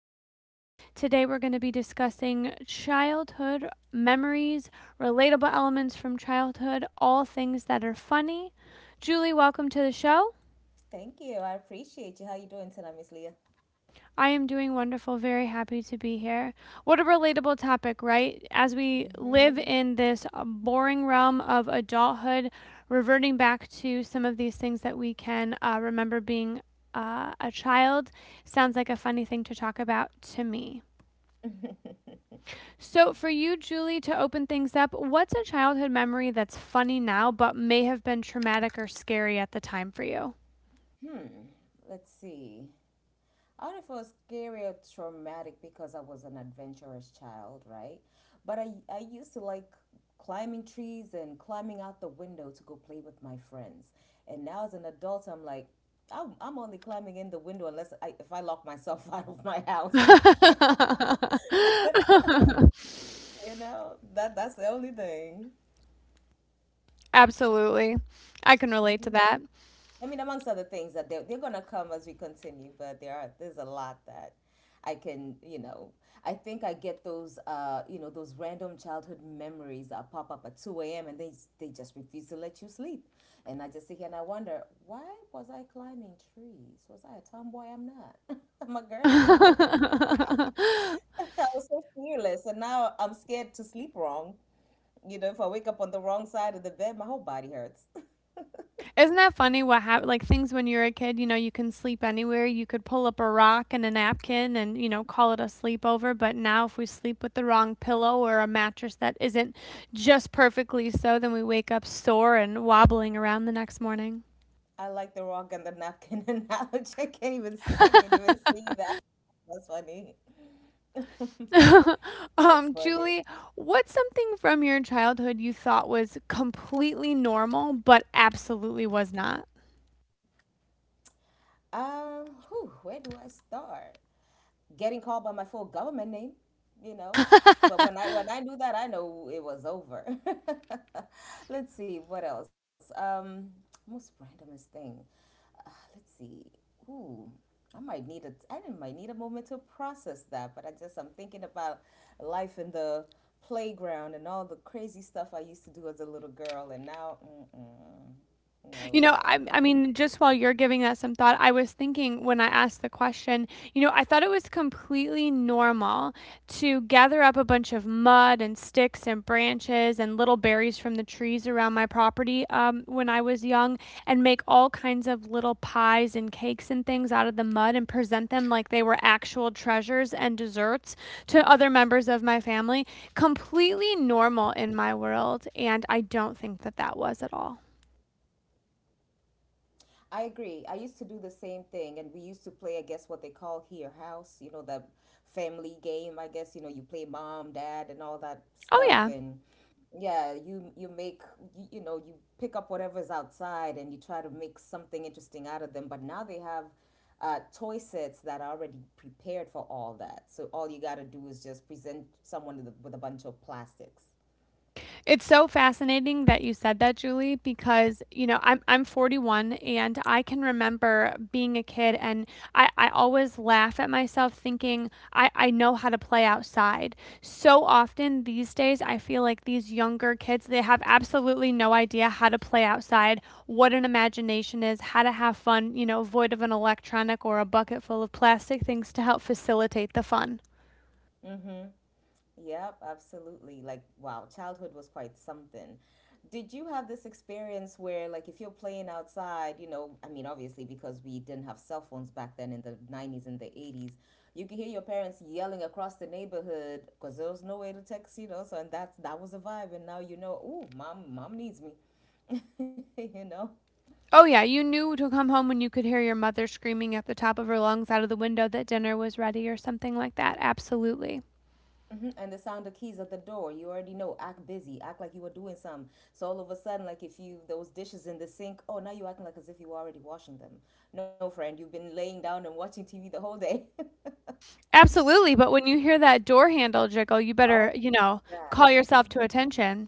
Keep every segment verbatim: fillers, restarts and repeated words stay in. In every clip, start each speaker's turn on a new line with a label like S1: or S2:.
S1: here. Today we're going to be discussing childhood memories, relatable elements from childhood, all things that are funny. Julie, welcome to the show.
S2: Thank you. I appreciate you. How you doing tonight, Miss Leah?
S1: I am doing wonderful, very happy to be here. What a relatable topic, right? As we live
S2: Mm-hmm.
S1: in this uh, boring realm of adulthood, reverting back to some of these things that we can uh, remember being uh, a child sounds like a funny thing to talk about to me. So, for you, Julie, to open things up, what's a childhood memory that's funny now but may have been traumatic or scary at the time for you?
S2: Hmm. Let's see. I don't know if it was scary or traumatic because I was an adventurous child, right? But I, I used to like climbing trees and climbing out the window to go play with my friends. And now as an adult, I'm like, I'm, I'm only climbing in the window unless I, if I lock myself out of my house. you know, that that's the only thing.
S1: Absolutely. I can relate
S2: Hmm.
S1: to that.
S2: I mean, amongst other things that they're, they're going to come as we continue, but there are there's a lot that I can, you know, I think I get those, uh, you know, those random childhood memories that pop up at two a m and they, they just refuse to let you sleep. And I just sit here and I wonder, why was I climbing trees? Was I a tomboy? I'm not. I'm a girly. I was so fearless. And now I'm scared to sleep wrong. You know, if I wake up on the wrong side of the bed, my whole body hurts.
S1: Isn't that funny what happened? Like, things when you're a kid, you know, you can sleep anywhere, you could pull up a rock and a napkin and, you know, call it a sleepover, but now if we sleep with the wrong pillow or a mattress that isn't just perfectly so, then we wake up sore and wobbling around the next morning.
S2: I like the rock and the napkin analogy. I can't even I can't even see that. That's funny. That's
S1: um,
S2: funny.
S1: Julie, what's something from your childhood you thought was completely normal but absolutely was not?
S2: Um, whew, where do I start? Getting called by my full government name, you know. But when I when I knew that, I know it was over. Let's see what else. Um, most randomest thing. Uh, let's see. Ooh, I might need a I might need a moment to process that. But I just I'm thinking about life in the playground and all the crazy stuff I used to do as a little girl, and now, mm-mm, no
S1: You know,
S2: way.
S1: I, I mean, just while you're giving that some thought, I was thinking when I asked the question, you know, I thought it was completely normal to gather up a bunch of mud and sticks and branches and little berries from the trees around my property um, when I was young and make all kinds of little pies and cakes and things out of the mud and present them like they were actual treasures and desserts to other members of my family. Completely normal in my world. And I don't think that that was at all.
S2: I agree. I used to do the same thing, and we used to play, I guess, what they call here house, you know, the family game. I guess, you know, you play mom, dad, and all that stuff.
S1: Oh, yeah.
S2: And yeah, you you make you, you know, you pick up whatever's outside and you try to make something interesting out of them. But now they have uh, toy sets that are already prepared for all that. So all you got to do is just present someone with a, with a bunch of plastics.
S1: It's so fascinating that you said that, Julie, because you know I'm I'm forty-one and I can remember being a kid and I, I always laugh at myself thinking I, I know how to play outside. So often these days I feel like these younger kids they have absolutely no idea how to play outside, what an imagination is, how to have fun, you know, void of an electronic or a bucket full of plastic things to help facilitate the fun.
S2: Mm-hmm. Yep, absolutely. Like, wow, childhood was quite something. Did you have this experience where, like, if you're playing outside, you know, I mean, obviously, because we didn't have cell phones back then in the nineties and the eighties, you could hear your parents yelling across the neighborhood because there was no way to text, you know, so, and that's, that was a vibe. And now you know, ooh, mom, mom needs me, you know?
S1: Oh, yeah, you knew to come home when you could hear your mother screaming at the top of her lungs out of the window that dinner was ready or something like that. Absolutely.
S2: Hmm. And the sound of keys at the door, you already know, act busy, act like you were doing some. So all of a sudden, like if you, those dishes in the sink, oh, now you're acting like as if you were already washing them. No, friend, you've been laying down and watching T V the whole day.
S1: Absolutely, but when you hear that door handle jiggle, you better,
S2: Oh,
S1: you know,
S2: God.
S1: call yourself to
S2: Mhm.
S1: attention.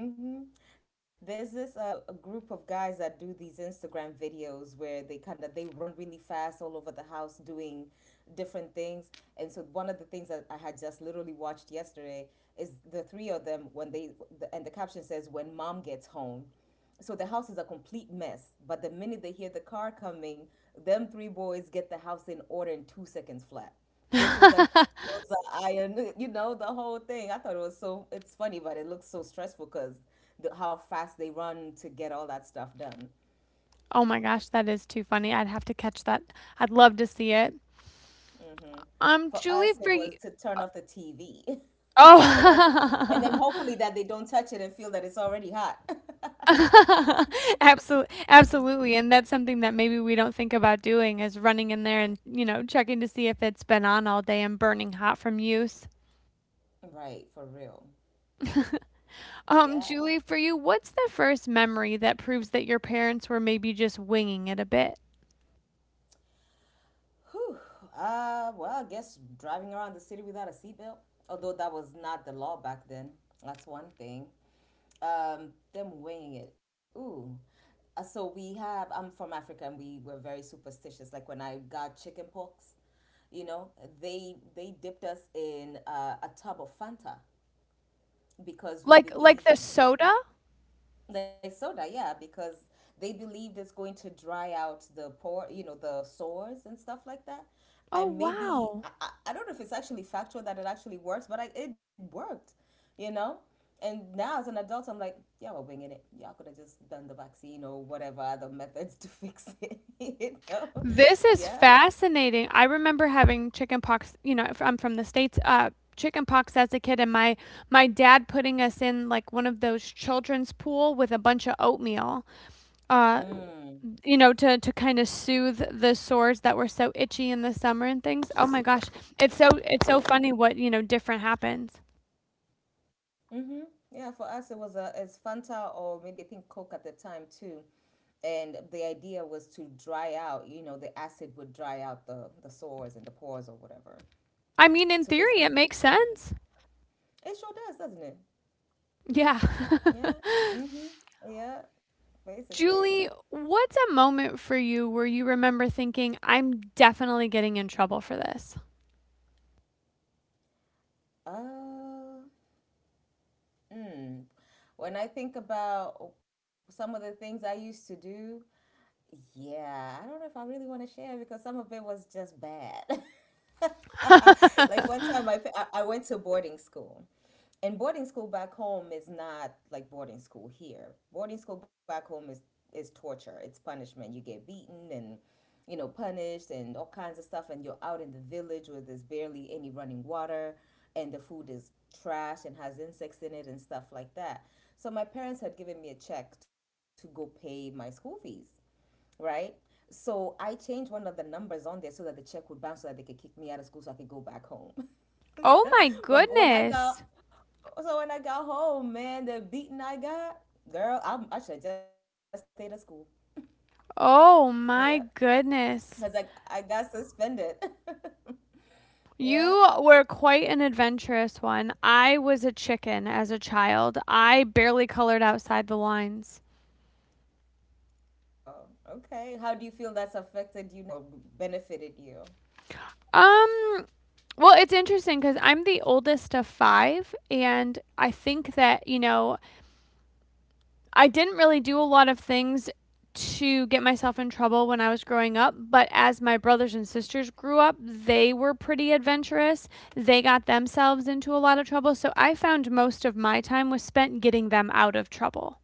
S2: Mm-hmm. There's this uh, a group of guys that do these Instagram videos where they kind of they run really fast all over the house doing different things. And so one of the things that I had just literally watched yesterday is the three of them when they the, and the caption says when mom gets home. So the house is a complete mess, but the minute they hear the car coming, them three boys get the house in order in two seconds flat. Dishes are
S1: Oh
S2: clothes are ironed, you know, the whole thing. I thought it was so, it's funny, but it looks so stressful because the, how fast they run to get all that stuff done.
S1: my gosh, that is too funny. I'd have to catch that. I'd love to see it.
S2: Hmm.
S1: Um,
S2: For
S1: Julie,
S2: us, it
S1: for you.
S2: was to turn off the T V and then, and then
S1: Oh.
S2: hopefully that they don't touch it and feel that it's already hot.
S1: Absolutely, absolutely, and that's something that maybe we don't think about doing is running in there and, you know, checking to see if it's been on all day and burning hot from use.
S2: Right, for real.
S1: Um,
S2: Yeah.
S1: Julie, for you, what's the first memory that proves that your parents were maybe just winging it a bit?
S2: Uh, well, I guess driving around the city without a seatbelt, although that was not the law back then. That's one thing. Um, them weighing it. Ooh. Uh, so we have, I'm from Africa and we were very superstitious. Like when I got chicken pox, you know, they they dipped us in uh, a tub of Fanta because we
S1: Like like
S2: believed
S1: the soda?
S2: like soda, yeah, because they believed it's going to dry out the pore, you know, the sores and stuff like that.
S1: Oh,
S2: And maybe
S1: wow.
S2: I, I I don't know if it's actually factual that it actually works, but I, it worked, you know. And now as an adult, I'm like, yeah, we're winging it. Y'all could have just done the vaccine or whatever other methods to fix it, you know.
S1: This is
S2: Yeah.
S1: fascinating. I remember having chicken pox, you know, if I'm from the States, uh, chicken pox as a kid and my my dad putting us in like one of those children's pool with a bunch of oatmeal. uh
S2: Mm.
S1: you know, to to kind of soothe the sores that were so itchy in the summer and things. Oh my gosh, it's so it's so funny what you know different happens.
S2: Mm-hmm. Yeah, for us it was a it's Fanta or maybe I think Coke at the time too. And the idea was to dry out, you know, the acid would dry out the the sores and the pores or whatever.
S1: I mean
S2: To
S1: in
S2: basically,
S1: theory it makes sense.
S2: it sure does, doesn't it?
S1: Yeah.
S2: Yeah. Mm-hmm. Yeah. Basically.
S1: Julie, what's a moment for you where you remember thinking, I'm definitely getting in trouble for this?
S2: Uh, mm. When I think about some of the things I used to do, yeah, I don't know if I really want to share because some of it was just bad. Like one time I, I I went to boarding school. And boarding school back home is not like boarding school here. Boarding school back home is is torture. It's punishment. You get beaten and you know punished and all kinds of stuff and you're out in the village where there's barely any running water and the food is trash and has insects in it and stuff like that. So my parents had given me a check to go pay my school fees, right? So I changed one of the numbers on there so that the check would bounce so that they could kick me out of school so I could go back home.
S1: Oh my
S2: But when I got
S1: goodness.
S2: so when I got home, man, the beating I got, girl, I, I should have just stayed at school. Yeah.
S1: Oh my
S2: Because I, I
S1: goodness.
S2: got suspended. Yeah.
S1: You were quite an adventurous one. I was a chicken as a child. I barely colored outside the lines.
S2: Oh, wow. Okay. How do you feel that's affected you now or benefited you?
S1: Um, well, it's interesting because I'm the oldest of five, and I think that, you know, I didn't really do a lot of things to get myself in trouble when I was growing up, but as my brothers and sisters grew up, they were pretty adventurous. They got themselves into a lot of trouble, so I found most of my time was spent getting them out of trouble.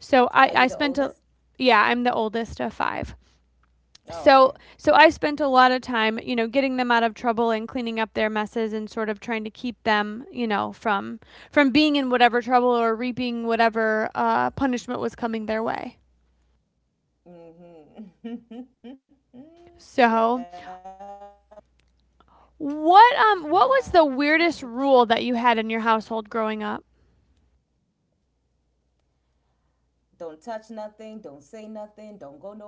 S1: So
S2: Are
S1: I,
S2: you
S1: I
S2: the
S1: spent a
S2: oldest?
S1: yeah, I'm the oldest of five.
S2: Oh,
S1: So
S2: okay.
S1: so I spent a lot of time, you know, getting them out of trouble and cleaning up their messes and sort of trying to keep them, you know, from from being in whatever trouble or reaping whatever uh, punishment was coming their way.
S2: Mm-hmm. Yeah.
S1: So what um
S2: Yeah.
S1: what was the weirdest rule that you had in your household growing up?
S2: Don't touch nothing. Don't say nothing. Don't go nowhere.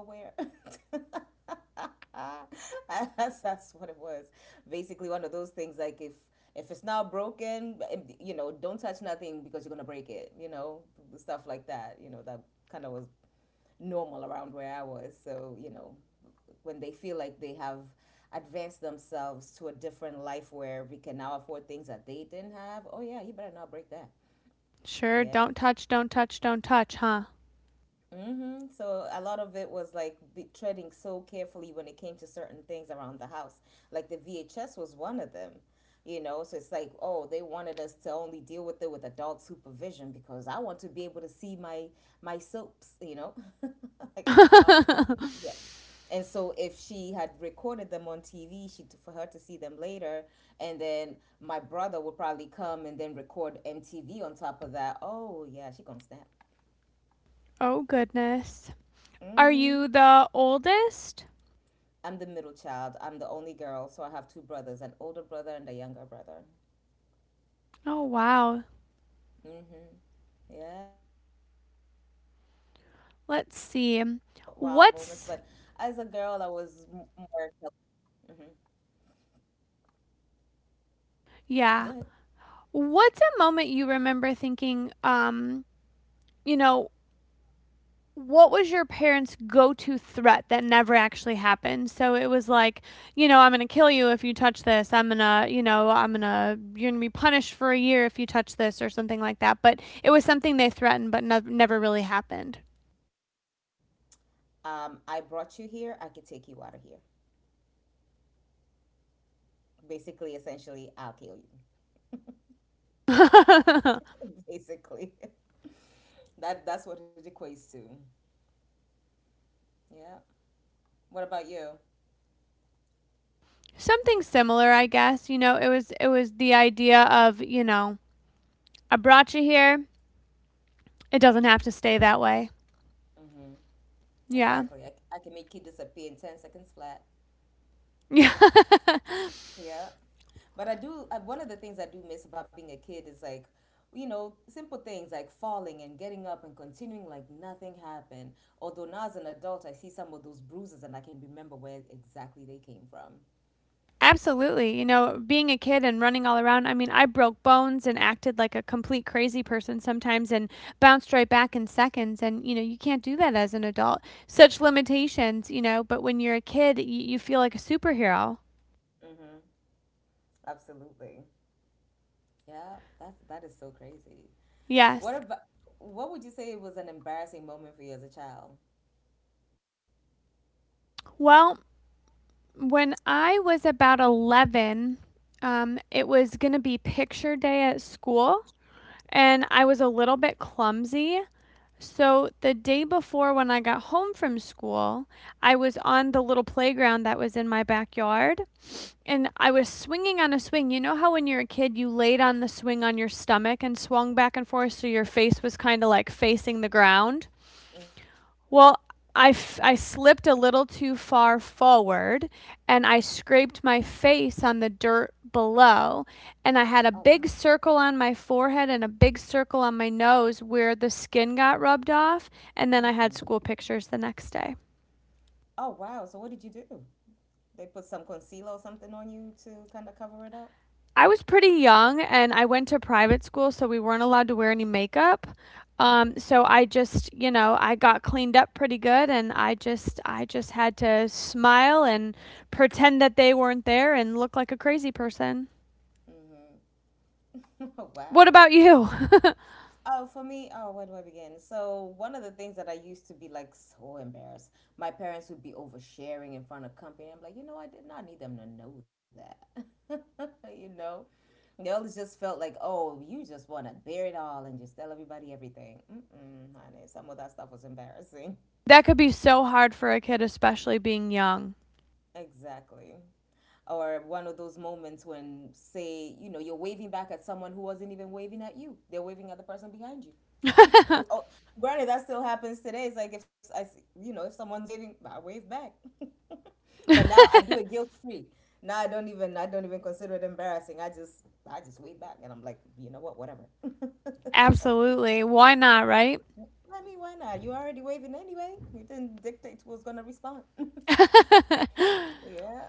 S2: that's, that's what it was. Basically, one of those things like if if it's not broken, you know, don't touch nothing because you're gonna break it. You know, stuff like that. You know, that kind of was normal around where I was. So you know, when they feel like they have advanced themselves to a different life where we can now afford things that they didn't have, oh yeah, you better not break that.
S1: Sure,
S2: Yeah.
S1: don't touch, don't touch, don't touch, huh?
S2: Mm-hmm. So a lot of it was like be treading so carefully when it came to certain things around the house. Like the V H S was one of them, you know. So it's like, oh, they wanted us to only deal with it with adult supervision because I want to be able to see my my soaps, you know, like my mom. Yeah. And so if she had recorded them on T V, she for her to see them later, and then my brother would probably come and then record M T V on top of that. Oh yeah, she gonna snap.
S1: Oh goodness. Are you
S2: Mm-hmm.
S1: the oldest?
S2: I'm the middle child. I'm the only girl, so I have two brothers, an older brother and a younger brother.
S1: Oh wow.
S2: Hmm. Yeah. Well, you know, we had the
S1: Let's
S2: wild moments.
S1: see.
S2: But as a girl, I
S1: What's
S2: was m- more. Hmm. Go ahead.
S1: yeah. What's a moment you remember thinking, um, you know, what was your parents' go to threat that never actually happened? So it was like, you know, I'm gonna kill you if you touch this. I'm gonna, you know, I'm gonna, you're gonna be punished for a year if you touch this or something like that. But it was something they threatened, but no- never really happened.
S2: Um, I brought you here. I could take you out of here. Basically, essentially, I'll kill you. Basically, that that's what it equates to. Yeah. What about you?
S1: Something similar, I guess. You know, it was it was the idea of you know, I brought you here. It doesn't have to stay that way.
S2: Hmm.
S1: Yeah.
S2: Exactly. I, I can make you disappear in ten seconds flat.
S1: Yeah.
S2: Yeah. But I do, I, one of the things I do miss about being a kid is like, you know, simple things like falling and getting up and continuing like nothing happened. Although now as an adult, I see some of those bruises and I can remember where exactly they came from.
S1: Absolutely. You know, being a kid and running all around, I mean, I broke bones and acted like a complete crazy person sometimes and bounced right back in seconds. And, you know, you can't do that as an adult. Such limitations, you know, but when you're a kid, y- you feel like a superhero.
S2: Absolutely. Yeah, that's, that is so crazy. What
S1: Yes.
S2: about, what would you say was an embarrassing moment for you as a child?
S1: Well, when I was about eleven, um, it was going to be picture day at school, and I was a little bit clumsy. So the day before when I got home from school, I was on the little playground that was in my backyard and I was swinging on a swing. You know how when you're a kid you laid on the swing on your stomach and swung back and forth so your face was kind of like facing the ground?
S2: Mm-hmm.
S1: Well, I, f- I slipped a little too far forward and I scraped my face on the dirt below. And I
S2: Oh,
S1: had a
S2: wow.
S1: big circle on my forehead and a big circle on my nose where the skin got rubbed off. And then I had school
S2: Mm-mm.
S1: pictures the next day.
S2: Oh, wow. So what did you do? They put some concealer or something on you to kind of cover it up?
S1: I was pretty young and I went to private school, so we weren't allowed to wear any makeup. Um, so I just, you know, I got cleaned up pretty good and I just I just had to smile and pretend that they weren't there and look like a crazy person.
S2: Oh,
S1: What
S2: wow.
S1: about you?
S2: Oh, for me, oh, where do I begin? So, one of the things that I used to be like so embarrassed, my parents would be oversharing in front of company. I'm like, you know, I did not need them to know that. You know, they always just felt like, oh, you just want to bear it all and just tell everybody everything. Mm-mm, honey, some of that stuff was embarrassing.
S1: That could be so hard for a kid, especially being young.
S2: Exactly. Or one of those moments when, say, you know, you're waving back at someone who wasn't even waving at you, they're waving at the person behind you. Oh, oh, granted that still happens today. It's like if i see- you know, if someone's waving, I wave back. But now I do it guilt free. Now i don't even I don't even consider it embarrassing. I just, I just wave back and I'm like, you know what, whatever. I
S1: Absolutely. Why not, right?
S2: mean, why not? You're already waving anyway. You didn't dictate who's gonna respond. Yeah.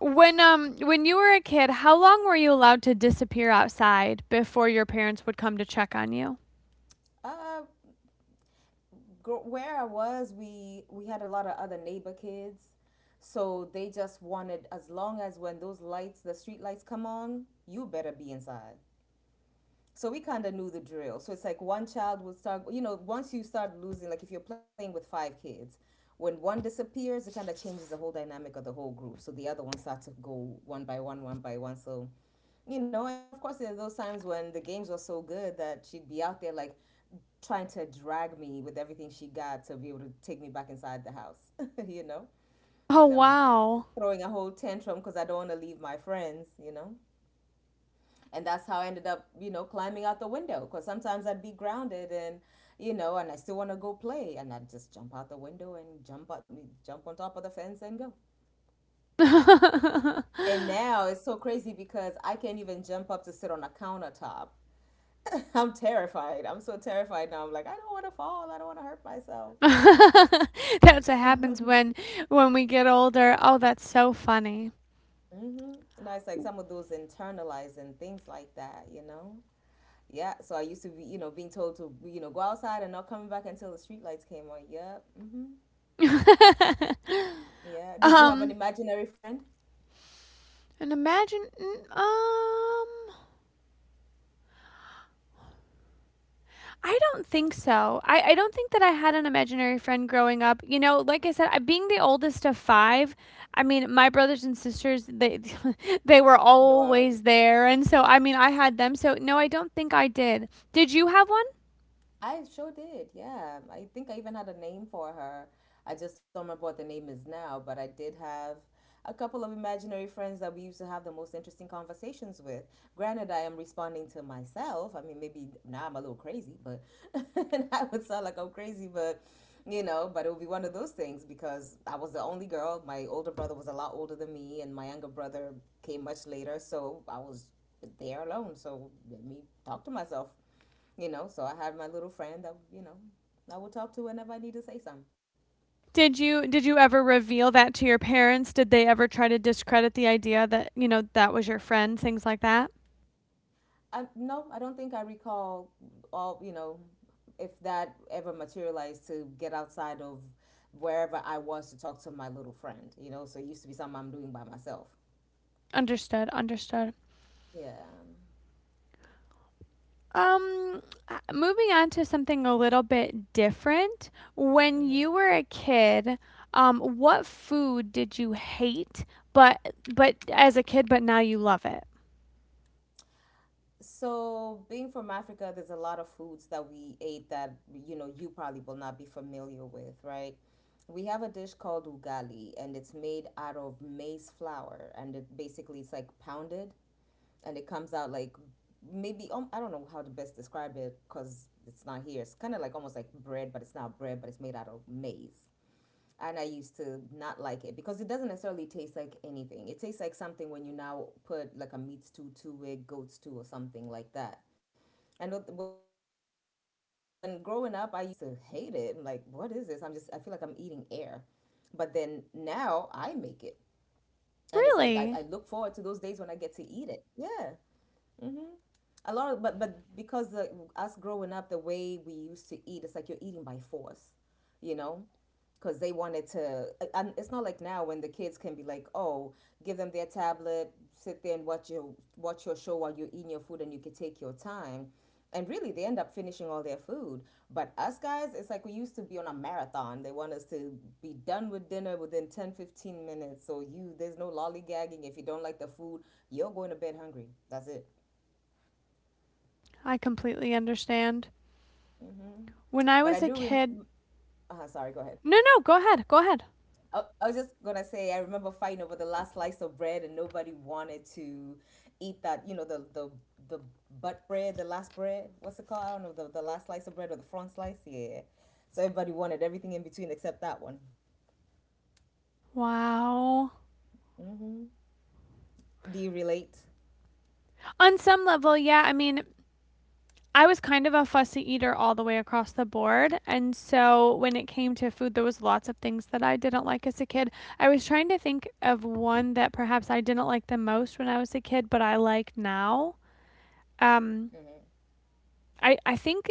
S1: When um when you were a kid, how long were you allowed to disappear outside before your parents would come to check on you?
S2: uh, gr- where I was, we we had a lot of other neighbor kids, so they just wanted, as long as when those lights, the street lights come on, you better be inside. So we kind of knew the drill. So it's like one child will start, you know, once you start losing, like if you're playing with five kids, when one disappears, it kind of changes the whole dynamic of the whole group. So the other ones start to go one by one, one by one. So, you know, and then of course, there are those times when the games were so good that she'd be out there like trying to drag me with everything she got to be able to take me back inside the house, you know,
S1: Oh
S2: and I'm
S1: wow.
S2: throwing a whole tantrum because I don't want to leave my friends, you know, and that's how I ended up, you know, climbing out the window. Because sometimes I'd be grounded, and you know, and I still want to go play, and I'd just jump out the window and jump up, jump on top of the fence and go. And now it's so crazy because I can't even jump up to sit on a countertop. I'm terrified. I'm so terrified now. I'm like, I don't want to fall. I don't want to hurt myself.
S1: That's what happens
S2: hmm
S1: when when we get older. Oh, that's so funny.
S2: You know, it's like some of those internalizing things like that, you know? Yeah, so I used to be, you know, being told to, you know, go outside and not coming back until the streetlights came on. Yep. hmm Yeah. Did you have an
S1: Um
S2: imaginary friend?
S1: and imagine mm, um I don't think so. I, I don't think that I had an imaginary friend growing up. You know, like I said, I, being the oldest of five, I mean, my brothers and sisters, they they were
S2: No, already.
S1: always there, and so I mean, I had them. So no, I don't think I did. Did you have one?
S2: I sure did. Yeah. I think I even had a name for her. I just don't remember what the name is now, but I did have a couple of imaginary friends that we used to have the most interesting conversations with. Granted, I am responding to myself. I mean, maybe now I'm a little crazy, but and I would sound like I'm crazy, but you know, but it would be one of those things because I was the only girl. My older brother was a lot older than me, and my younger brother came much later, so I was there alone. So let me talk to myself, you know, so I have my little friend that, you know, I will talk to whenever I need to say something.
S1: Did you did you ever reveal that to your parents? Did they ever try to discredit the idea that you know that was your friend? Things like that.
S2: I, no, I don't think I recall all, you know, if that ever materialized to get outside of wherever I was to talk to my little friend, you know, so it used to be something I'm doing by myself.
S1: Understood. Understood.
S2: Yeah.
S1: Um, uh, moving on to something a little bit different. When you were a kid, um, what food did you hate, but but as a kid, but now you love it?
S2: So, being from Africa, there's a lot of foods that we ate that, you know, you probably will not be familiar with, right? We have a dish called ugali, and it's made out of maize flour, and it basically it's like pounded and it comes out like maybe um, I don't know how to best describe it because it's not here. It's kind of like almost like bread, but it's not bread, but it's made out of maize. And I used to not like it because it doesn't necessarily taste like anything. It tastes like something when you now put like a meat stew to it, goat stew, or something like that. And when growing up, I used to hate it. I'm like, what is this? I'm just, I feel like I'm eating air. But then now I make it. And it's like, I, I look forward to those days
S1: Really?
S2: when I get to eat it. Yeah. A lot of, but but because uh, us growing up the way we used to eat, it's like you're eating by force, you know, because they wanted to. And it's not like now when the kids can be like, oh, give them their tablet, sit there and watch your watch your show while you're eating your food and you can take your time, and really they end up finishing all their food. But us guys, it's like we used to be on a marathon. They want us to be done with dinner within ten fifteen minutes, so you, there's no lollygagging. If you don't like the food, you're going to bed hungry. That's it.
S1: I completely understand. When I
S2: But I
S1: was a
S2: do rem
S1: kid,
S2: uh, Sorry, go ahead.
S1: no, no, go ahead, go ahead.
S2: I, I was just gonna say I remember fighting over the last slice of bread and nobody wanted to eat that, you know, the the the butt bread, the last bread. What's it called? I don't know, the, the last slice of bread or the front slice. Yeah. So everybody wanted everything in between except that one.
S1: Wow.
S2: Do you relate?
S1: On some level, yeah, I mean, I was kind of a fussy eater all the way across the board. And so when it came to food, there was lots of things that I didn't like as a kid. I was trying to think of one that perhaps I didn't like the most when I was a kid, but I like now. Um, I, I think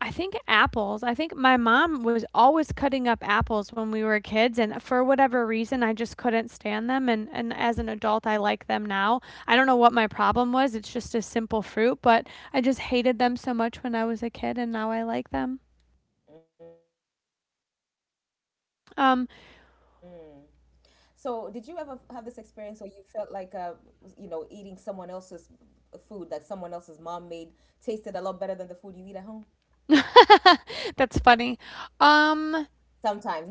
S1: I think apples. I think my mom was always cutting up apples when we were kids, and for whatever reason, I just couldn't stand them. And, and as an adult, I like them now. I don't know what my problem was. It's just a simple fruit, but I just hated them so much when I was a kid, and now I like them.
S2: So, did you ever have this
S1: Um,
S2: experience where you felt like, uh, you know, eating someone else's food that someone else's mom made tasted a lot better than the food you eat at home?
S1: that's funny.
S2: Sometimes, not not all
S1: Um,
S2: the time, but sometimes,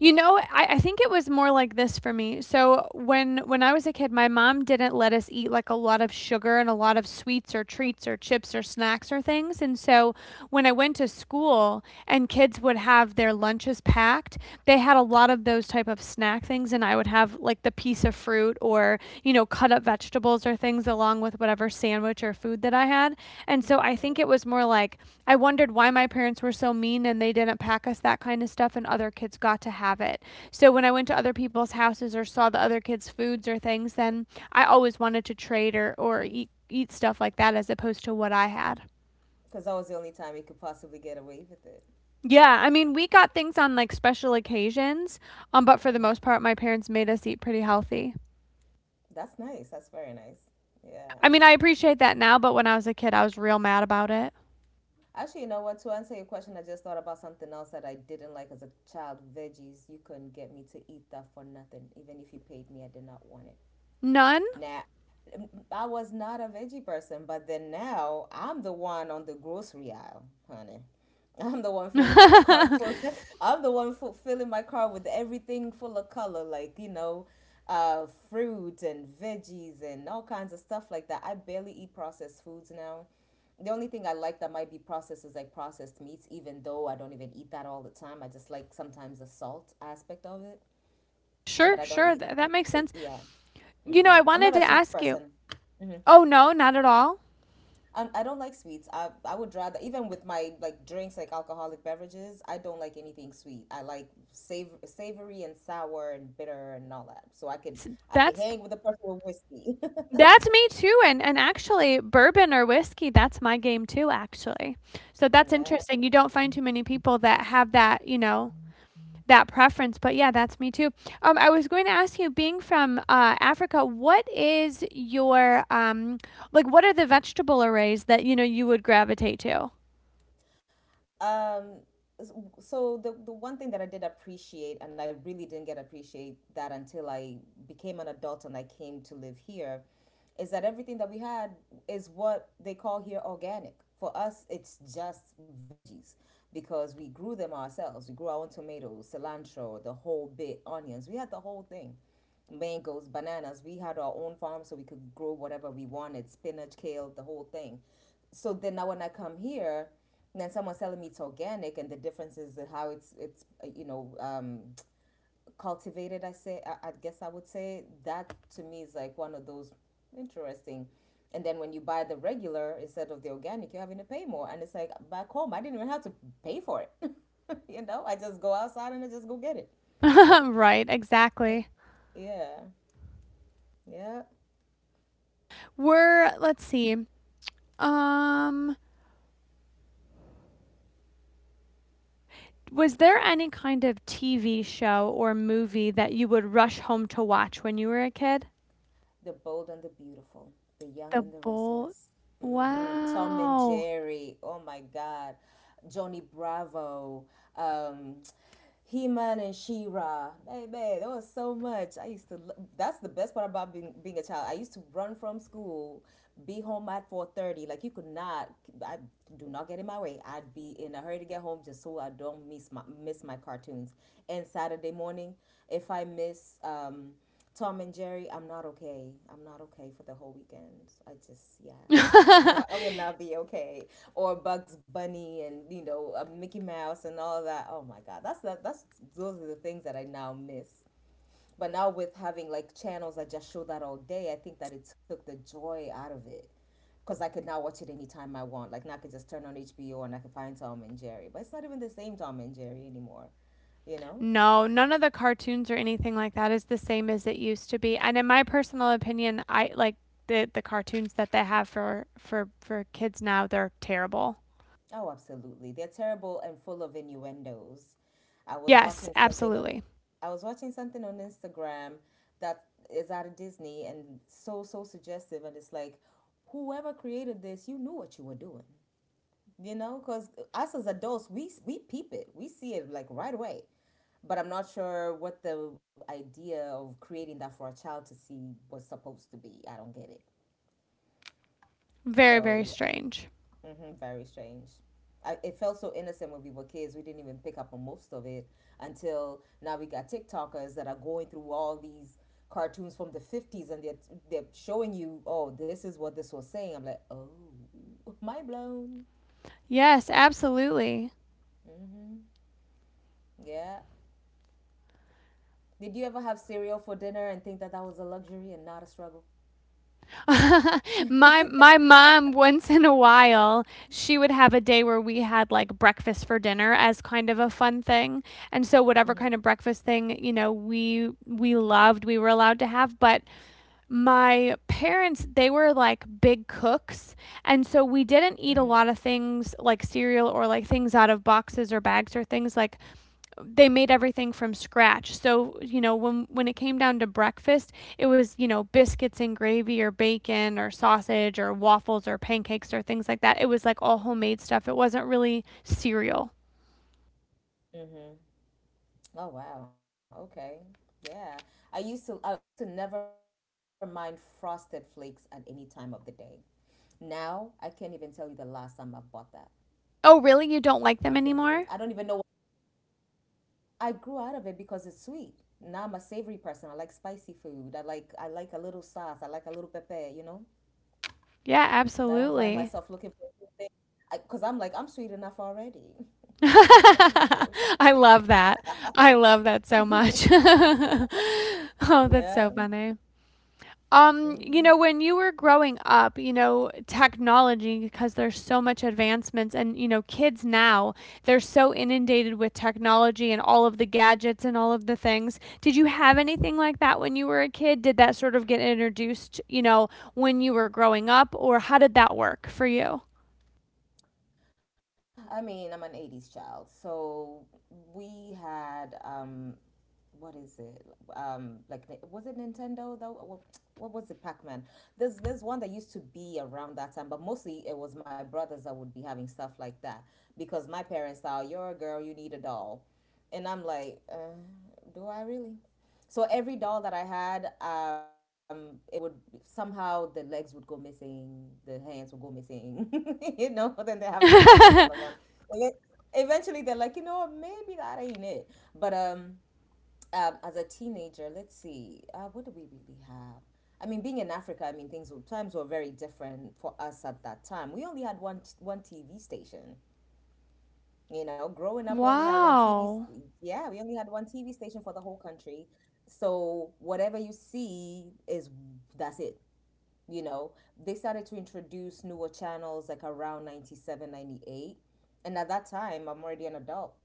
S1: You know, I, I think it was more like this for me. So when when I was a kid, my mom didn't let us eat like a lot of sugar and a lot of sweets or treats or chips or snacks or things. And so when I went to school and kids would have their lunches packed, they had a lot of those type of snack things and I would have like the piece of fruit or, you know, know, cut up vegetables or things along with whatever sandwich or food that I had. And so I think it was more like I wondered why my parents were so mean and they didn't pack us that kind of stuff, and other kids got to have it. So when I went to other people's houses or saw the other kids' foods or things, then I always wanted to trade or, or eat, eat stuff like that as opposed to what I had.
S2: because that was the only time he could possibly get away with it.
S1: Yeah, I mean, we got things on like special occasions, um, but for the most part, my parents made us eat pretty healthy.
S2: That's nice. That's very nice. Yeah.
S1: I mean, I appreciate that now, but when I was a kid, I was real mad about it.
S2: Actually, you know what? To answer your question, I just thought about something else that I didn't like as a child. Veggies. You couldn't get me to eat that for nothing. Even if you paid me, I did not want it.
S1: None?
S2: Now, um, I was not a veggie person, but then now I'm the one on the grocery aisle, honey. I'm the one filling my cart full. I'm the one fu- filling my cart with everything full of color, like you know, uh, fruit and veggies and all kinds of stuff like that. I barely eat processed foods now. The only thing I like that might be processed is like processed meats, even though I don't even eat that all the time. I just like sometimes the salt aspect of it, but
S1: sure,
S2: I don't
S1: sure.
S2: eat.
S1: Th- that
S2: e-,
S1: makes sense.
S2: Yeah,
S1: You know,
S2: hmm
S1: I
S2: I'm
S1: wanted
S2: not a
S1: to
S2: sweets
S1: ask you.
S2: person. hmm
S1: Oh no, not at all.
S2: I, I don't like sweets. I I would rather, even with my like drinks, like alcoholic beverages, I don't like anything sweet. I like sav- savory and sour and bitter and all that. So I could,
S1: S-
S2: I could
S1: That's
S2: hang with a person with whiskey.
S1: that's me too. And and actually, bourbon or whiskey, that's my game too. Actually, so that's
S2: Yeah.
S1: interesting. You don't find too many people that have that. You know that preference. But yeah, that's me too. Um, I was going to ask you, being from uh, Africa, what is your um like? What are the vegetable arrays that you know you would gravitate to?
S2: Um, so the the one thing that I did appreciate, and I really didn't get appreciate that until I became an adult and I came to live here, is that everything that we had is what they call here organic. For us, it's just veggies because we grew them ourselves. We grew our own tomatoes, cilantro, the whole bit, onions. We had the whole thing, mangoes, bananas. We had our own farm so we could grow whatever we wanted, spinach, kale, the whole thing. So then now when I come here, and then someone's telling me it's organic and the difference is how it's it's uh, you know, um, cultivated. I say I, I guess I would say that to me is like one of those interesting. And then when you buy the regular instead of the organic, you're having to pay more. And it's like back home, I didn't even have to pay for it. You know, I just go outside and I just go get it.
S1: right.
S2: It,
S1: Exactly.
S2: yeah, yeah.
S1: We're let's see. Um, was there any kind of T V show or movie that you would rush home to watch when you were a kid?
S2: The Bold and the Beautiful, The Young
S1: The
S2: and the
S1: Bold.
S2: Restless, hmm Tom and
S1: Wow.
S2: Jerry, oh my God, Johnny Bravo, um, He-Man and She-Ra. Hey man, there was so much. I used to. lo- That's the best part about being being a child. I used to run from school, be home at four thirty. Like you could not. I do not get in my way. I'd be in a hurry to get home just so I don't miss my miss my cartoons. And Saturday morning, if I miss um Tom and Jerry, I'm not okay. I'm not okay for the whole weekend. I just, yeah, I would, I I would not be okay. Or Bugs Bunny and you know uh, Mickey Mouse and all that. Oh my God, that's that. That's, those are the things that I now miss. But now with having like channels that just show that all day, I think that it took the joy out of it because I could now watch it anytime I want. Like now I could just turn on H B O and I could find Tom and Jerry. But it's not even the same Tom and Jerry anymore, you know?
S1: No, none of the cartoons or anything like that is the same as it used to be. And in my personal opinion, I like the the cartoons that they have for for for kids now, they're terrible.
S2: Oh, absolutely. They're terrible and full of innuendos. I was
S1: Yes,
S2: watching something on
S1: absolutely.
S2: I was watching something on Instagram that is out of Disney and so so suggestive, and it's like whoever created this, you knew what you were doing. You know, cuz us as adults, we we peep it. We see it like right away. But I'm not sure what the idea of creating that for a child to see was supposed to be. I don't get it.
S1: Very,
S2: So,
S1: very
S2: yeah.
S1: strange.
S2: Hmm very strange. I, it felt so innocent when we were kids. We didn't even pick up on most of it until now we got TikTokers that are going through all these cartoons from the fifties, and they're, they're showing you, oh, this is what this was saying. I'm like, oh, mind blown.
S1: Yes, absolutely.
S2: Yeah. Did you ever have cereal for dinner and think that that was a luxury and not a struggle?
S1: my my mom once in a while she would have a day where we had like breakfast for dinner as kind of a fun thing and so whatever kind of breakfast thing you know we we loved we were allowed to have but my parents they were like big cooks and so we didn't eat a lot of things like cereal or like things out of boxes or bags or things like they made everything from scratch. So, you know, when when it came down to breakfast, it was, you know, biscuits and gravy or bacon or sausage or waffles or pancakes or things like that. It was like all homemade stuff. It wasn't really cereal.
S2: Mm-hmm. Oh wow. Okay. Yeah. I used to I, I used to never mind frosted flakes at any time of the day. Now I can't even tell you the last time I've bought that.
S1: Oh, really? You don't
S2: I
S1: like
S2: can't
S1: them
S2: even. I don't
S1: anymore?
S2: even know. I grew out of it because it's sweet. Now I'm a savory person. I like spicy food. I like I like a little sauce. I like a little pepper. You know.
S1: Yeah,
S2: I don't find
S1: absolutely.
S2: myself looking for something because I'm like I'm sweet enough already. why why are we why are we trying?
S1: I love that. I love that so much. oh, that's so
S2: Yeah.
S1: funny. Um, you know,
S2: hmm
S1: when you were growing up, you know, technology, because there's so much advancements and, you know, kids now, they're so inundated with technology and all of the gadgets and all of the things. Did you have anything like that when you were a kid? Did that sort of get introduced, you know, when you were growing up, or how did that work for you?
S2: So I mean I'm an eighties child. So we had um what is it? Um, like was it Nintendo though? What, what was it? Pac Man. There's there's one that used to be around that time, but mostly it was my brothers that would be having stuff like that because my parents thought you're a girl, you need a doll, and I'm like, uh, do I really? So every doll that I had, um, it would somehow the legs would go missing, the hands would go missing, you know. Then they have to buy me another one. And then eventually, they're like, you know, what, maybe that ain't it. But um, um, As a teenager, let's see, uh, what do we really have? I mean, being in Africa, I mean, things were- times were very different for us at that time. We only had one t- one T V station. You know, growing up, we only had one T Vs.
S1: Wow.
S2: Yeah, we only had one T V station for the whole country. So whatever you see is that's it, you know. They started to introduce newer channels like around ninety seven, ninety eight, and at that time I'm already an adult,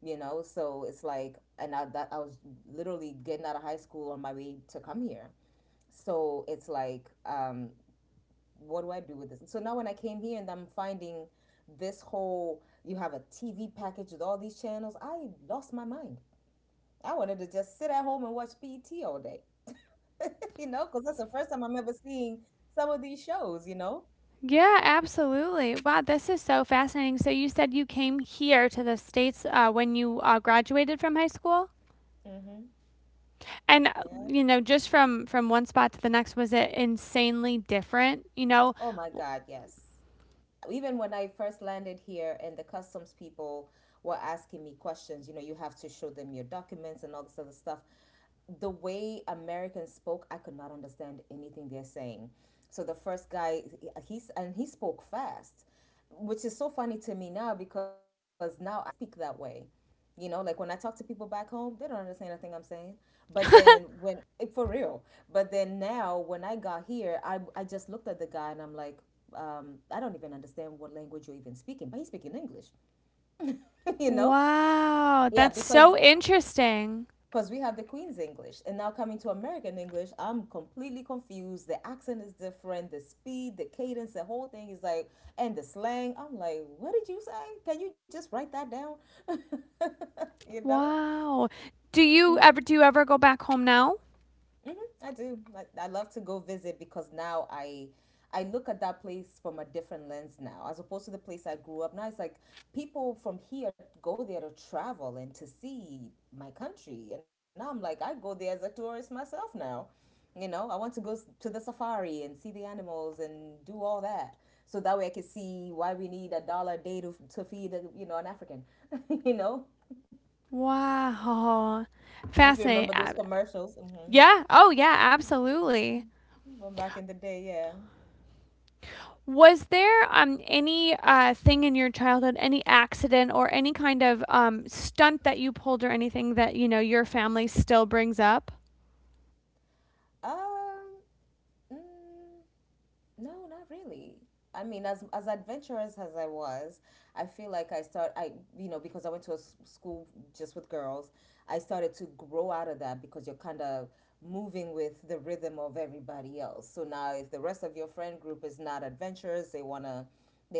S2: you know. So it's like and I, that I was literally getting out of high school on my way to come here. So it's like, um what do I do with this? So now when I came here and I'm finding this whole you have a T V package with all these channels, I lost my mind. I wanted to just sit at home and watch pet all day, you know, because that's the first time I'm ever seeing some of these shows, you know.
S1: Yeah, absolutely. Wow, this is so fascinating. So you said you came here to the States uh, when you uh, graduated from high school? And uh,
S2: Yeah.
S1: you know just from from one spot to the next was it insanely different you know
S2: Oh my God, yes. Even when I first landed here and the customs people were asking me questions, you know, you have to show them your documents and all this other stuff. The way Americans spoke, I could not understand anything they're saying. So the first guy, he's and he spoke fast, which is so funny to me now because now I speak that way. You know, like when I talk to people back home, they don't understand a thing I'm saying. But then when eh, for real, but then now when I got here, I I just looked at the guy and I'm like, um, I don't even understand what language you're even speaking, but he's speaking English, you know?
S1: wow
S2: Yeah,
S1: that's
S2: because
S1: so interesting
S2: because we have the Queen's English, and now coming to American English, I'm completely confused. The accent is different, the speed, the cadence, the whole thing is like, and the slang. I'm like, what did you say? Can you just write that down? you know?
S1: wow do you ever do you ever go back home now
S2: I do. I, I love to go visit because now I I look at that place from a different lens now, as opposed to the place I grew up. Now it's like people from here go there to travel and to see my country, and now I'm like I go there as a tourist myself now. You know, I want to go s- to the safari and see the animals and do all that, so that way I can see why we need a dollar a day to to feed a, you know, an African. You know,
S1: wow
S2: if you
S1: fascinating.
S2: remember those
S1: Uh,
S2: commercials, mm-hmm,
S1: yeah oh yeah absolutely.
S2: from back in the day, yeah.
S1: Was there um any uh thing in your childhood any accident or any kind of um stunt that you pulled or anything that you know your family still brings up?
S2: Um, Mm, no, not really. I mean, as as adventurous as I was, I feel like I start I you know, because I went to a s- school just with girls, I started to grow out of that because you're kind of moving with the rhythm of everybody else. So now, if the rest of your friend group is not adventurous, they wanna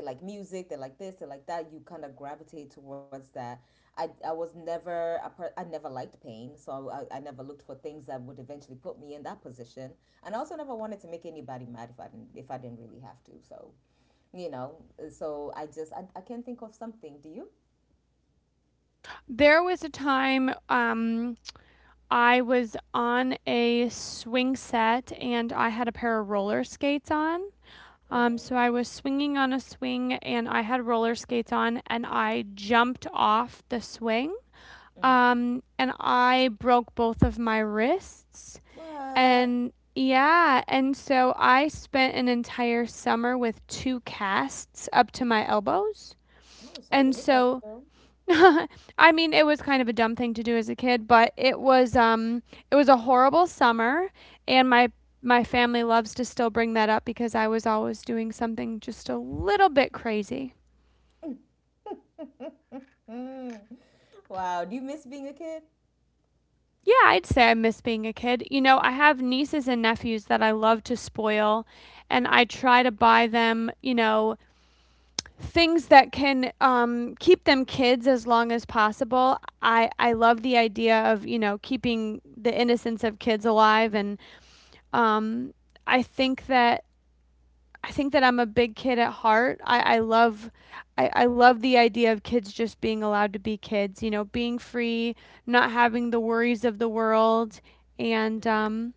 S2: they like music, they like this, they like that, you kind of gravitate towards that. I, I was never a per- I never liked pain, so I, I never looked for things that would eventually put me in that position, and I also never wanted to make anybody mad if i didn't if I didn't really have to, so you know. So I just i, I can't think of something, do you?
S1: There was a time um I was on a swing set and I had a pair of roller skates on. Um,
S2: Mm-hmm
S1: so I was swinging on a swing and I had roller skates on and I jumped off the swing.
S2: mm-hmm
S1: Um, and I broke both of my wrists.
S2: what?
S1: And yeah, and so I spent an entire summer with two casts up to my elbows.
S2: Oh,
S1: And
S2: sorry to hear that,
S1: so
S2: girl.
S1: I mean, it was kind of a dumb thing to do as a kid, but it was um it was a horrible summer and my my family loves to still bring that up because I was always doing something just a little bit crazy.
S2: Wow, do you miss being a kid?
S1: Yeah, I'd say I miss being a kid. You know, I have nieces and nephews that I love to spoil and I try to buy them, you know, things that can um, keep them kids as long as possible. I, I love the idea of, you know, keeping the innocence of kids alive and Um, I think that I think that I'm a big kid at heart. I, I love I, I love the idea of kids just being allowed to be kids, you know, being free, not having the worries of the world. And um,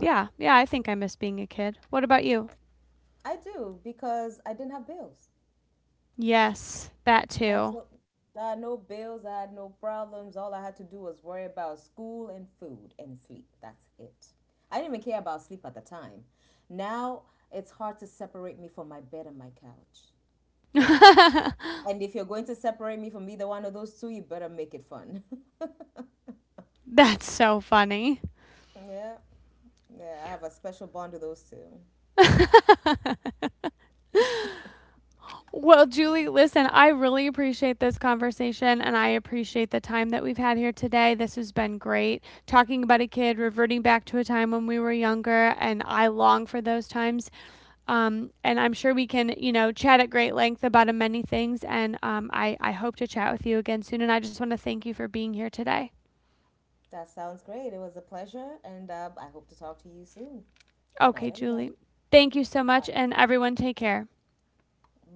S1: yeah, yeah, I think I miss being a kid. What about you?
S2: I do, because I didn't have bills.
S1: Yes, that too.
S2: Absolutely. I had no bills, I had no problems. All I had to do was worry about school and food and sleep. That's it. I didn't even care about sleep at the time. Now it's hard to separate me from my bed and my couch. And if you're going to separate me from either one of those two, you better make it fun.
S1: That's so funny.
S2: Yeah, yeah, I have a special bond with those two.
S1: Well, Julie,
S2: Y-
S1: listen, I really appreciate this conversation and I appreciate the time that we've had here today. This has been great talking about a kid, reverting back to a time when we were younger, and I long for those times. Um, and I'm sure we can, you know, chat at great length about uh, many things. And um, I, I hope to chat with you again soon. And I just want to thank you for being here today.
S2: That sounds great. It was a pleasure, and uh, I hope to talk to you soon. Good night,
S1: Okay,
S2: everybody.
S1: Julie, thank you so
S2: All
S1: much, and everyone take care.
S2: right, bye.